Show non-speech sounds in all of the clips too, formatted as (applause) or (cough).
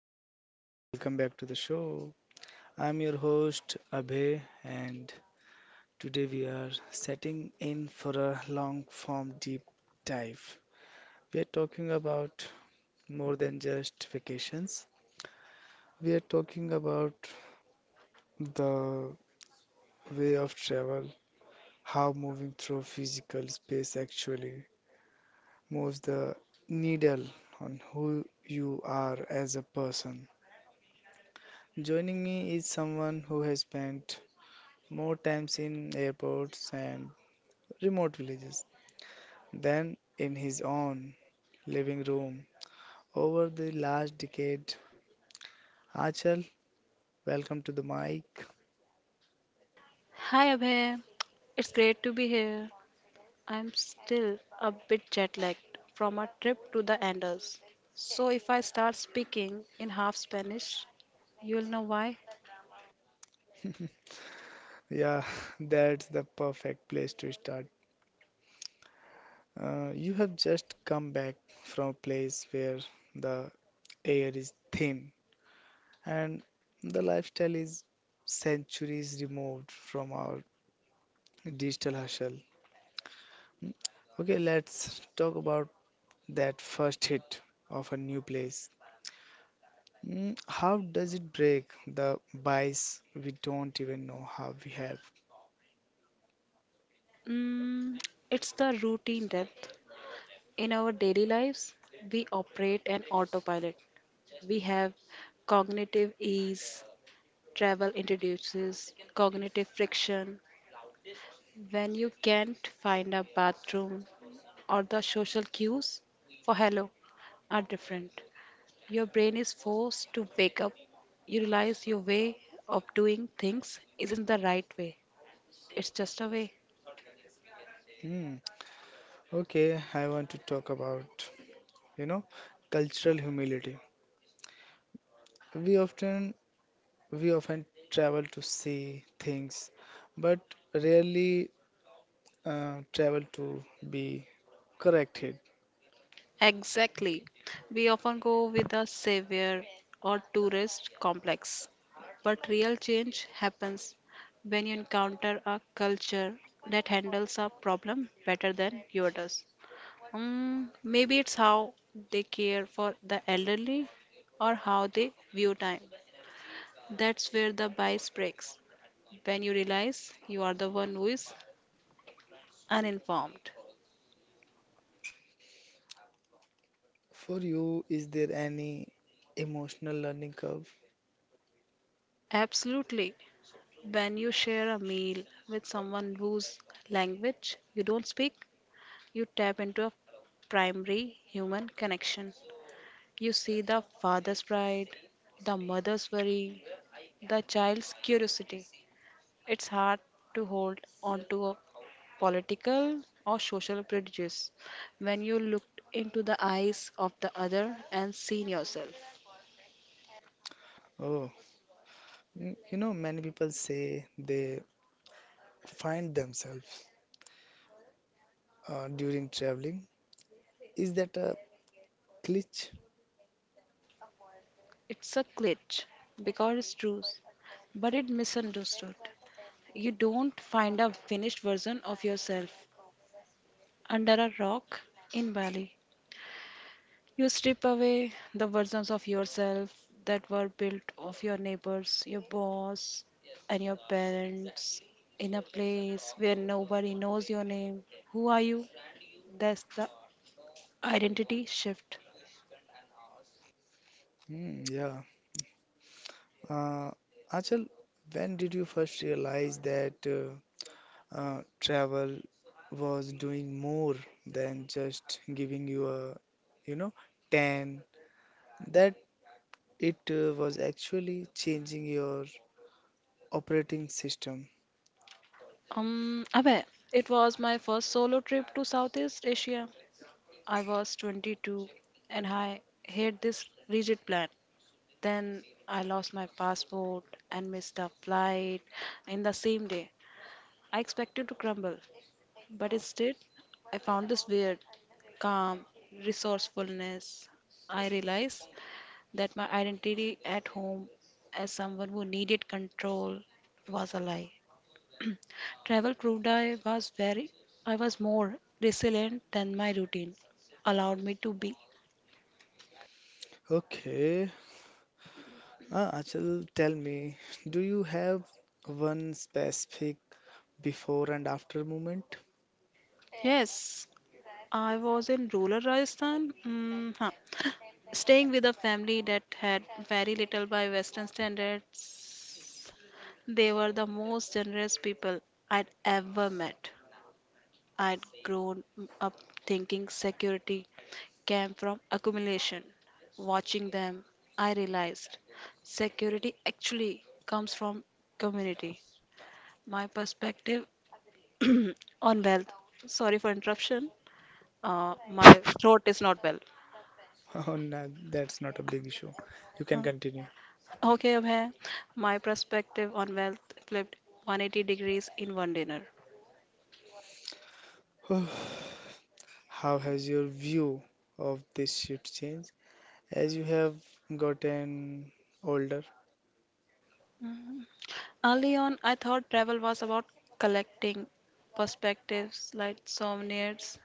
guys, welcome back to the show. I'm your host Abhay, and today we are setting in for a long form deep dive. We are talking about more than just vacations, we are talking about the way of travel, how moving through physical space actually moves the needle on who you are as a person. Joining me is someone who has spent more times in airports and remote villages than in his own living room. Over the last decade, Achal, welcome to the mic. Hi Abhay, it's great to be here. I'm still a bit jet lagged from our trip to the Andes. So if I start speaking in half Spanish, you'll know why. Yeah, (laughs) that's the perfect place to start. You have just come back from a place where the air is thin and the lifestyle is centuries removed from our digital hustle. Hmm? Okay, let's talk about that first hit of a new place. Mm, how does it break the bias we don't even know how we have? Mm, it's the routine depth. In our daily lives, we operate an autopilot. We have cognitive ease, travel introduces cognitive friction. When you can't find a bathroom or the social cues for hello are different. Your brain is forced to wake up. You realize your way of doing things isn't the right way, it's just a way. Mm, okay, I want to talk about, you know, cultural humility. We often we often travel to see things, but rarely travel to be corrected. Exactly. We often go with the savior or tourist complex. But real change happens when you encounter a culture that handles a problem better than yours does. Maybe it's how they care for the elderly or how they view time. That's where the bias breaks, when you realize you are the one who is uninformed. For you, is there any emotional learning curve? Absolutely. When you share a meal with someone whose language you don't speak, you tap into a primary human connection. You see the father's pride, the mother's worry, the child's curiosity. It's hard to hold on to a political or social prejudice when you look into the eyes of the other and see yourself. Oh, mm, you know, many people say they find themselves during traveling. Is that a glitch? It's a glitch because it's true, but it misunderstood. You don't find a finished version of yourself under a rock in Bali. You strip away the versions of yourself that were built of your neighbors, your boss, and your parents in a place where nobody knows your name. Who are you? That's the identity shift. Hmm, yeah. Uh, Achal, when did you first realize that travel was doing more than just giving you a, you know, tan? That it was actually changing your operating system. Abhay, it was my first solo trip to Southeast Asia. I was 22 and I had this rigid plan. Then I lost my passport and missed a flight in the same day. I expected to crumble, but instead, I found this weird, calm resourcefulness. I realized that my identity at home as someone who needed control was a lie. Travel proved I was very, I was more resilient than my routine allowed me to be. Okay. Achal, tell me, do you have one specific before and after moment? (laughs) Yes, I was in rural Rajasthan, staying with a family that had very little by Western standards. They were the most generous people I'd ever met. I'd grown up thinking security came from accumulation. Watching them, I realized security actually comes from community. My perspective (clears throat) on wealth. Sorry for interruption. My throat is not well. Oh, no, that's not a big issue. You can continue. Okay, Abhay, my perspective on wealth flipped 180 degrees in one dinner. (sighs) How has your view of this shift changed as you have gotten older? Early on, I thought travel was about collecting perspectives like souvenirs.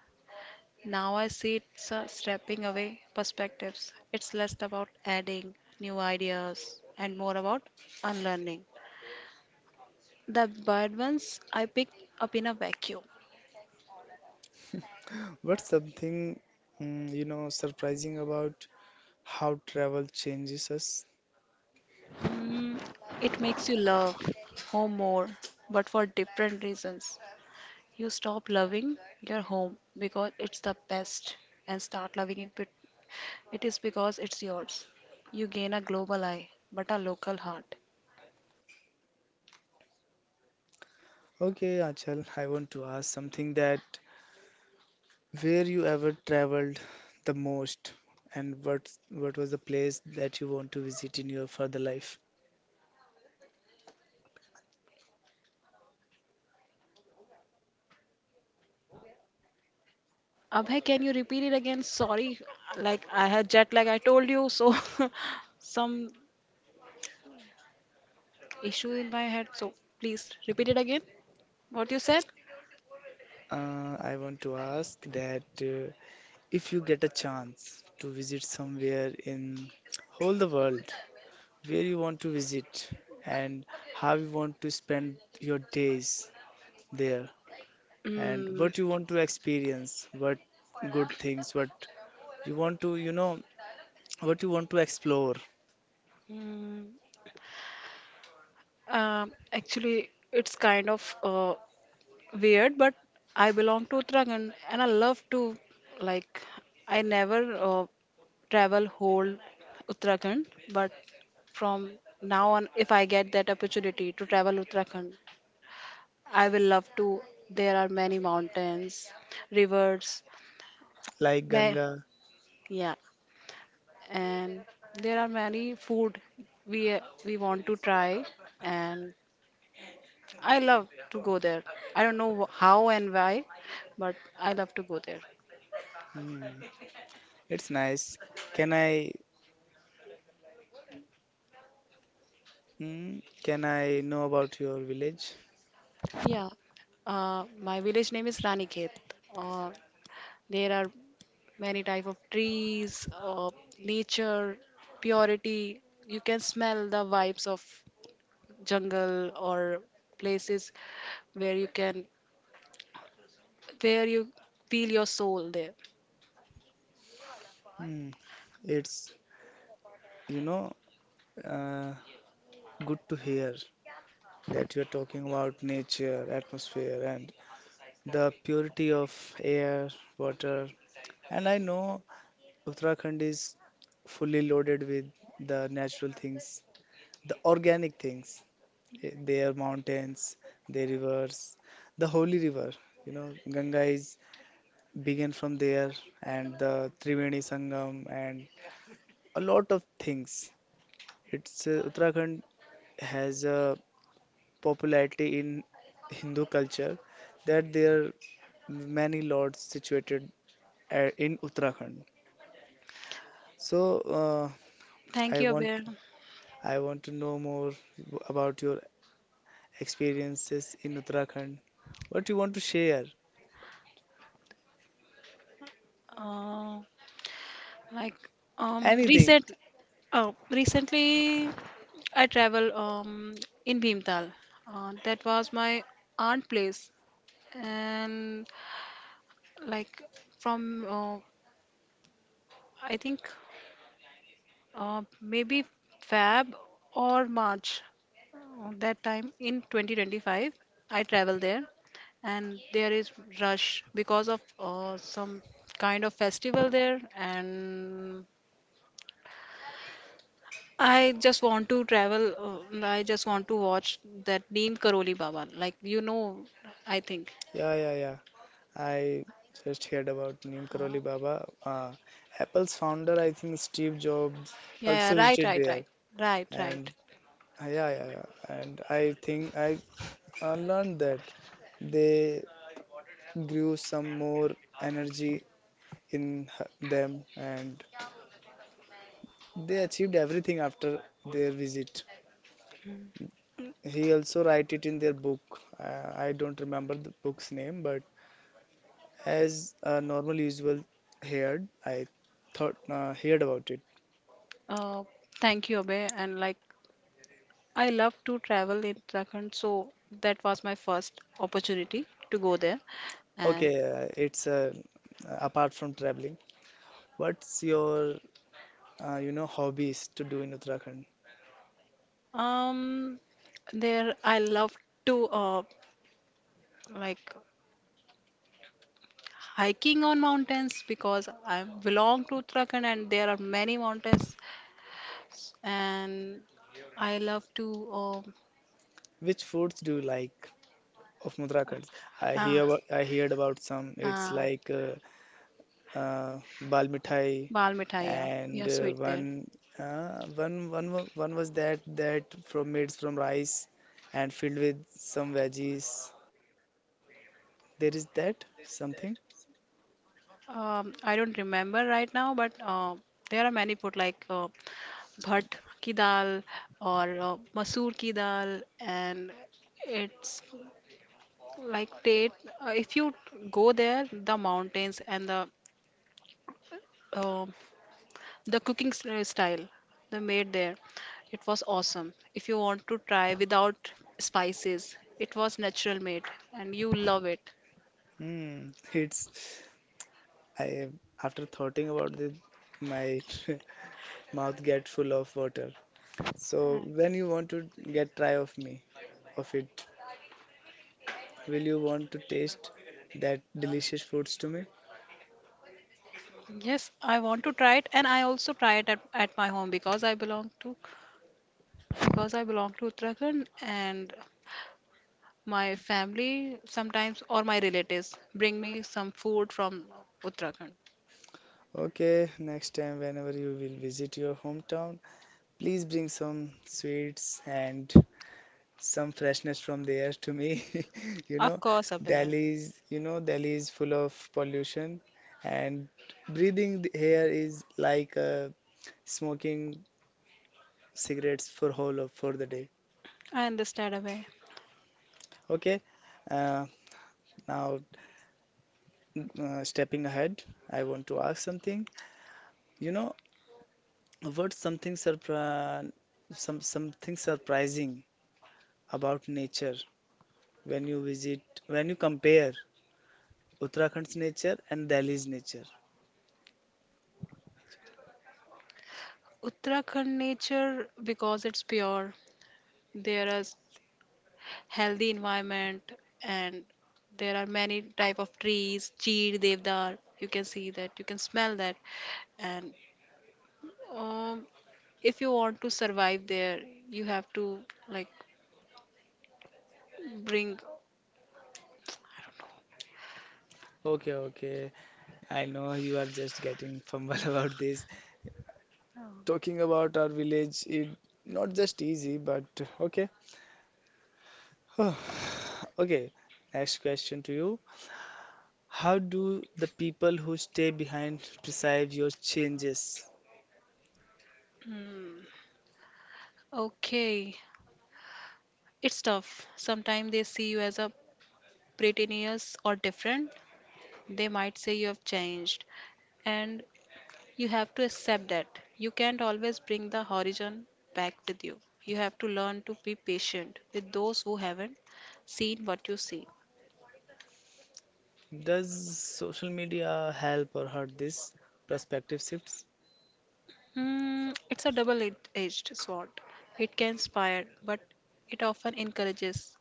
Now I see it's a stepping away perspectives. It's less about adding new ideas and more about unlearning. The bad ones I pick up in a vacuum. What's something mm, you know, surprising about how travel changes us? Mm, it makes you love home more, but for different reasons. You stop loving your home because it's the best and start loving it. It is because it's yours. You gain a global eye, but a local heart. Okay, Achal, I want to ask something that where you ever traveled the most and what was the place that you want to visit in your further life? Abhay, can you repeat it again? Sorry, like I had jet lag, I told you, so (laughs) some issue in my head. So please repeat it again. What you said? I want to ask that if you get a chance to visit somewhere in whole the world, where you want to visit and how you want to spend your days there and Mm. what you want to experience, what good things, what you want to, you know, what you want to explore, Mm, Actually, it's kind of weird, but I belong to Uttarakhand and I love to, like, I never travel whole Uttarakhand, but from now on, if I get that opportunity to travel Uttarakhand, I will love to. There are many mountains, rivers, like ma- Ganga. yeah, and there are many food we we want to try, and I love to go there. I don't know how and why, but I love to go there. Hmm, it's nice. Can I, hmm, can I know about your village? Yeah, my village name is Raniket. Uh, there are many type of trees, nature, purity. You can smell the vibes of jungle or places where you can, where you feel your soul there. Hmm, it's, you know, uh, good to hear that you're talking about nature, atmosphere, and the purity of air, water, and I know Uttarakhand is fully loaded with the natural things, the organic things, eh, their mountains, their rivers, the holy river. You know, Ganga is began from there, and the Triveni Sangam, and a lot of things. It's Uttarakhand has a popularity in Hindu culture that there are many lords situated in Uttarakhand. So Thank I you, want Abhay. I want to know more about your experiences in Uttarakhand. What you want to share? Uh, like, Anything. recent, recently I travel in Bhimtal. That was my aunt place. And, like, from I think maybe Feb or March, that time in 2025, I travel there, and there is rush because of some kind of festival there, and I just want to travel. And I just want to watch that Neem Karoli Baba. Like, you know, I think. Yeah, yeah, yeah. I just heard about Neem Karoli Uh, Baba. Apple's founder, I think Steve Jobs, yeah, also yeah, right, visited right, there. right, right, right. And yeah, yeah, yeah. And I think I learned that they grew some more energy in them and they achieved everything after their visit. He also write it in their book. I don't remember the book's name, but as normal usual heard, I thought heard about it. Uh, Thank you, Abhay. And like, I love to travel in Uttarakhand, so that was my first opportunity to go there. And Okay, it's apart from traveling. What's your you know hobbies to do in Uttarakhand? um, there I love to like hiking on mountains because I belong to Uttarakhand and there are many mountains, and I love to Which foods do you like of Uttarakhand? Uh, I heard about some. It's uh, like bal mithai, bal mithaiya, yeah, and sweet one there. One was that that from made from rice and filled with some veggies. There is that something. I don't remember right now, but there are many food like bhat ki dal or masoor ki dal, and it's like date. If you go there, the mountains and uh, the cooking style they made there, it was awesome. If you want to try without spices, it was natural made, and you love it. Hmm. (laughs) It's I after thoughting about it, my (laughs) mouth get full of water. So when you want to get try of me of it, will you want to taste that delicious foods to me? Yes, I want to try it, and I also try it at my home because I belong to Uttarakhand, and my family sometimes or my relatives bring me some food from Uttarakhand. Okay, next time whenever you will visit your hometown, please bring some sweets and some freshness from there to me. (laughs) You Of know, course, Abhay. Delhi is full of pollution, and breathing the air is like smoking cigarettes for whole of for the day. I understand away. Okay, uh, now stepping ahead, I want to ask something. You know, what's something surpri some something surprising about nature when you visit, when you compare? Uttarakhand's nature and Delhi's nature. Uttarakhand nature because it's pure. There is healthy environment, and there are many type of trees, cheer, devdar. You can see that, you can smell that, and Um, if you want to survive there, you have to, like, bring. Okay, okay. I know you are just getting fumble (laughs) about this. Talking about our village, it not just easy, but okay. (sighs) Okay, next question to you. How do the people who stay behind perceive your changes? Hmm. Okay, it's tough. Sometimes they see you as a pretentious or different. They might say you have changed, and you have to accept that. You can't always bring the horizon back with you. You have to learn to be patient with those who haven't seen what you see. Does social media help or hurt this perspective shifts? It's a double-edged sword. It can inspire, but it often encourages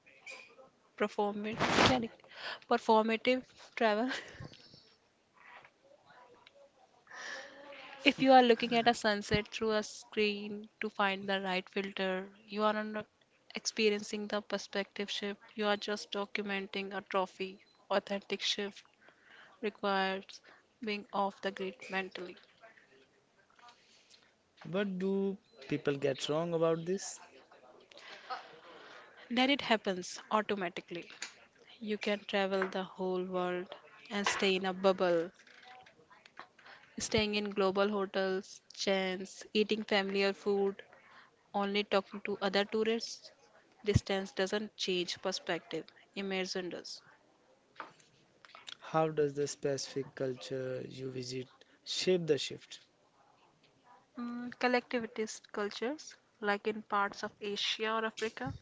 performit- sorry, performative travel. (laughs) If you are looking at a sunset through a screen to find the right filter, you are not experiencing the perspective shift. You are just documenting a trophy. Authentic shift requires being off the grid mentally. What do people get wrong about this? Then it happens automatically. You can travel the whole world and stay in a bubble. Staying in global hotels, chains, eating familiar food, only talking to other tourists. Distance doesn't change perspective, immersion does. How does the specific culture you visit shape the shift? Collectivist cultures, like in parts of Asia or Africa,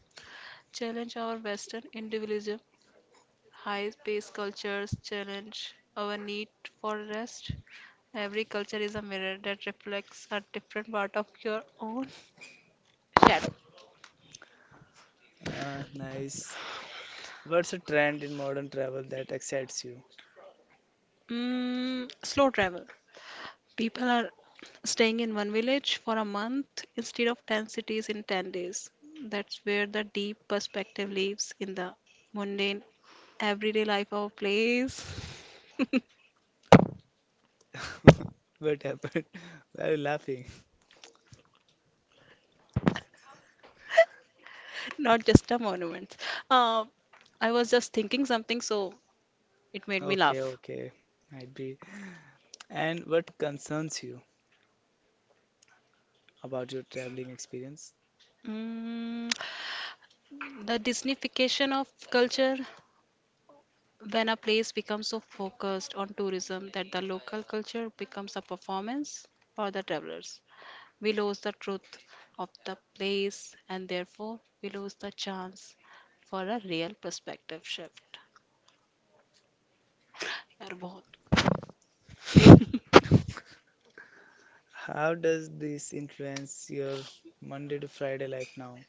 challenge our Western individualism. High pace cultures challenge our need for rest. Every culture is a mirror that reflects a different part of your own (laughs) shadow. Nice. What's a trend in modern travel that excites you? Slow travel. People are staying in one village for a month instead of 10 cities in 10 days. That's where the deep perspective lives, in the mundane, everyday life of a place, (laughs) (laughs) What happened? (laughs) Why are you laughing? not just the monuments. Uh, I was just thinking something, so it made me Okay, laugh. okay, might be. And what concerns you about your traveling experience? Mm, the Disneyfication of culture, when a place becomes so focused on tourism that the local culture becomes a performance for the travelers. We lose the truth of the place and therefore we lose the chance for a real perspective shift. यार, बहुत. How does this influence your Monday to Friday life now?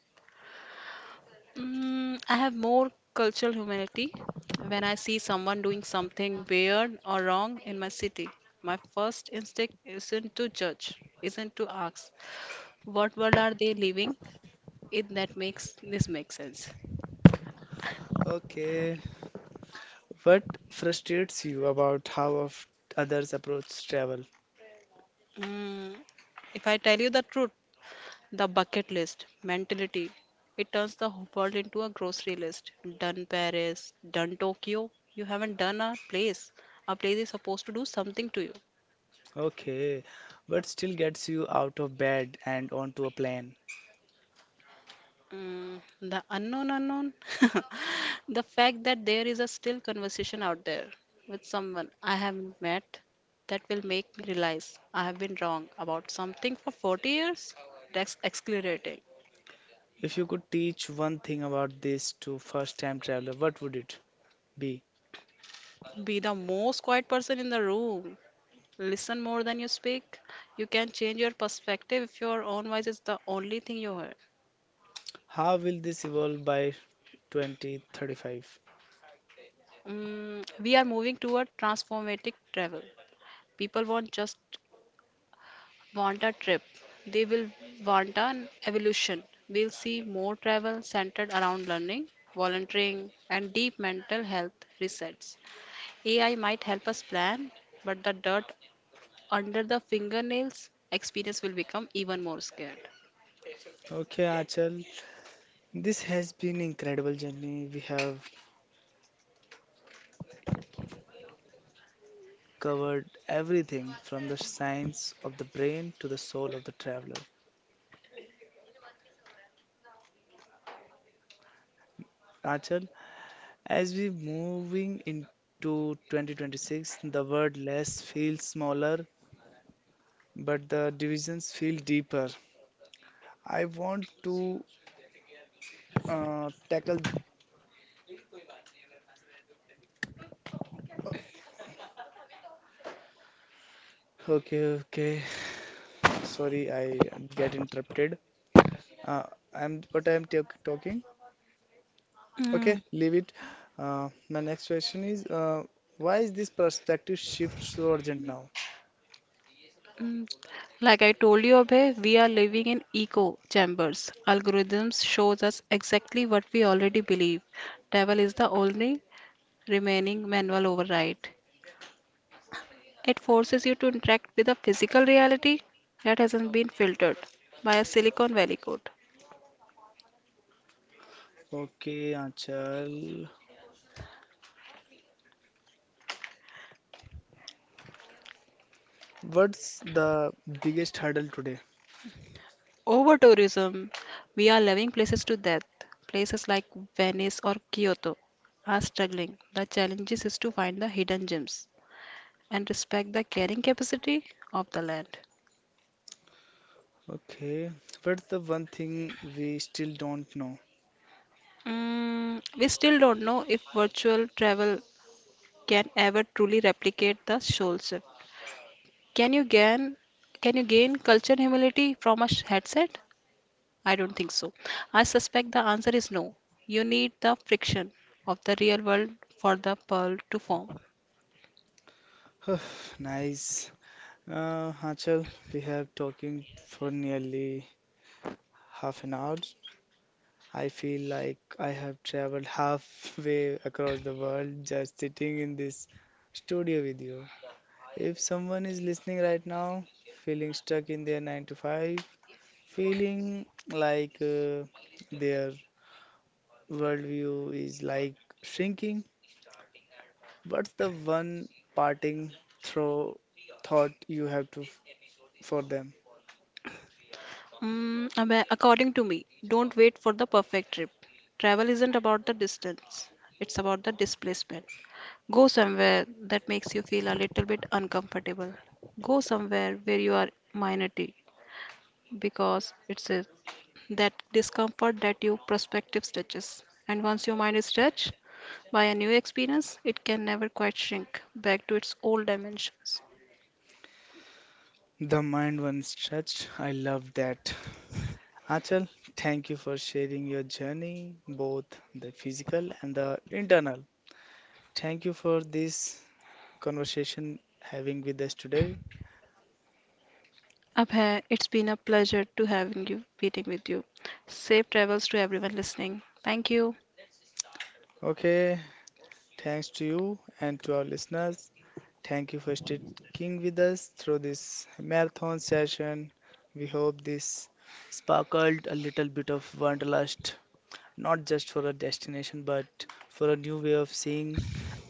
I have more cultural humility when I see someone doing something weird or wrong in my city. My first instinct isn't to judge, isn't to ask, what world are they living in that makes this make sense? Okay, what frustrates you about how of others approach travel? Mm, if I tell you the truth, the bucket list mentality. It turns the world into a grocery list. Done Paris, done Tokyo. You haven't done a place. A place is supposed to do something to you. Okay, what still gets you out of bed and onto a plane? The unknown unknown. (laughs) The fact that there is a still conversation out there with someone I haven't met that will make me realize I have been wrong about something for 40 years. That's exhilarating. If you could teach one thing about this to first-time traveler, what would it be? Be the most quiet person in the room. Listen more than you speak. You can change your perspective if your own voice is the only thing you hear. How will this evolve by 2035? We are moving toward transformative travel. People won't just want a trip, they will want an evolution. We'll see more travel centered around learning, volunteering, and deep mental health resets. AI might help us plan, but the dirt under the fingernails experience will become even more scared. Okay, Achal, this has been incredible journey. We have covered everything from the science of the brain to the soul of the traveler. Achal, as we moving into 2026, the word less feels smaller, but the divisions feel deeper. I want to tackle okay, okay. Sorry, I get interrupted. Uh, I'm what I'm ta- talking. Okay, Okay. leave it. My next question is, why is this perspective shift so urgent now? Mm, Like I told you, Abhay, we are living in echo chambers. Algorithms shows us exactly what we already believe. Travel is the only remaining manual override. It forces you to interact with a physical reality that hasn't been filtered by a Silicon Valley code. Okay, Anchal. What's the biggest hurdle today? Over tourism, we are loving places to death. Places like Venice or Kyoto are struggling. The challenge is to find the hidden gems and respect the carrying capacity of the land. Okay, what's the one thing we still don't know? We still don't know if virtual travel can ever truly replicate the soul set. Can you gain can you gain culture humility from a headset? I don't think so. I suspect the answer is no. You need the friction of the real world for the pearl to form. Huh, nice. Anchal, we have talking for nearly half an hour. I feel like I have traveled halfway across the world just sitting in this studio with you. If someone is listening right now, feeling stuck in their 9 to 5, feeling like their worldview is like shrinking, what's the one parting throw thought you have to for them? According to me, don't wait for the perfect trip. Travel isn't about the distance, it's about the displacement. Go somewhere that makes you feel a little bit uncomfortable. Go somewhere where you are minority because it's a, that discomfort that your perspective stretches. And once your mind is stretched by a new experience, it can never quite shrink back to its old dimension. The mind once stretched. I love that. Achal, thank you for sharing your journey, both the physical and the internal. Thank you for this conversation having with us today. Abhay, it's been a pleasure to having you meeting with you. Safe travels to everyone listening. Thank you. Okay, thanks to you and to our listeners. Thank you for sticking with us through this marathon session. We hope this sparkled a little bit of wanderlust not just for a destination, but for a new way of seeing.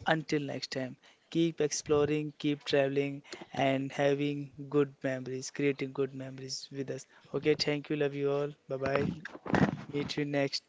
Until next time, keep exploring, keep traveling, and having good memories, creating good memories with us. Okay, thank you. Love you all. Bye bye. Meet you next.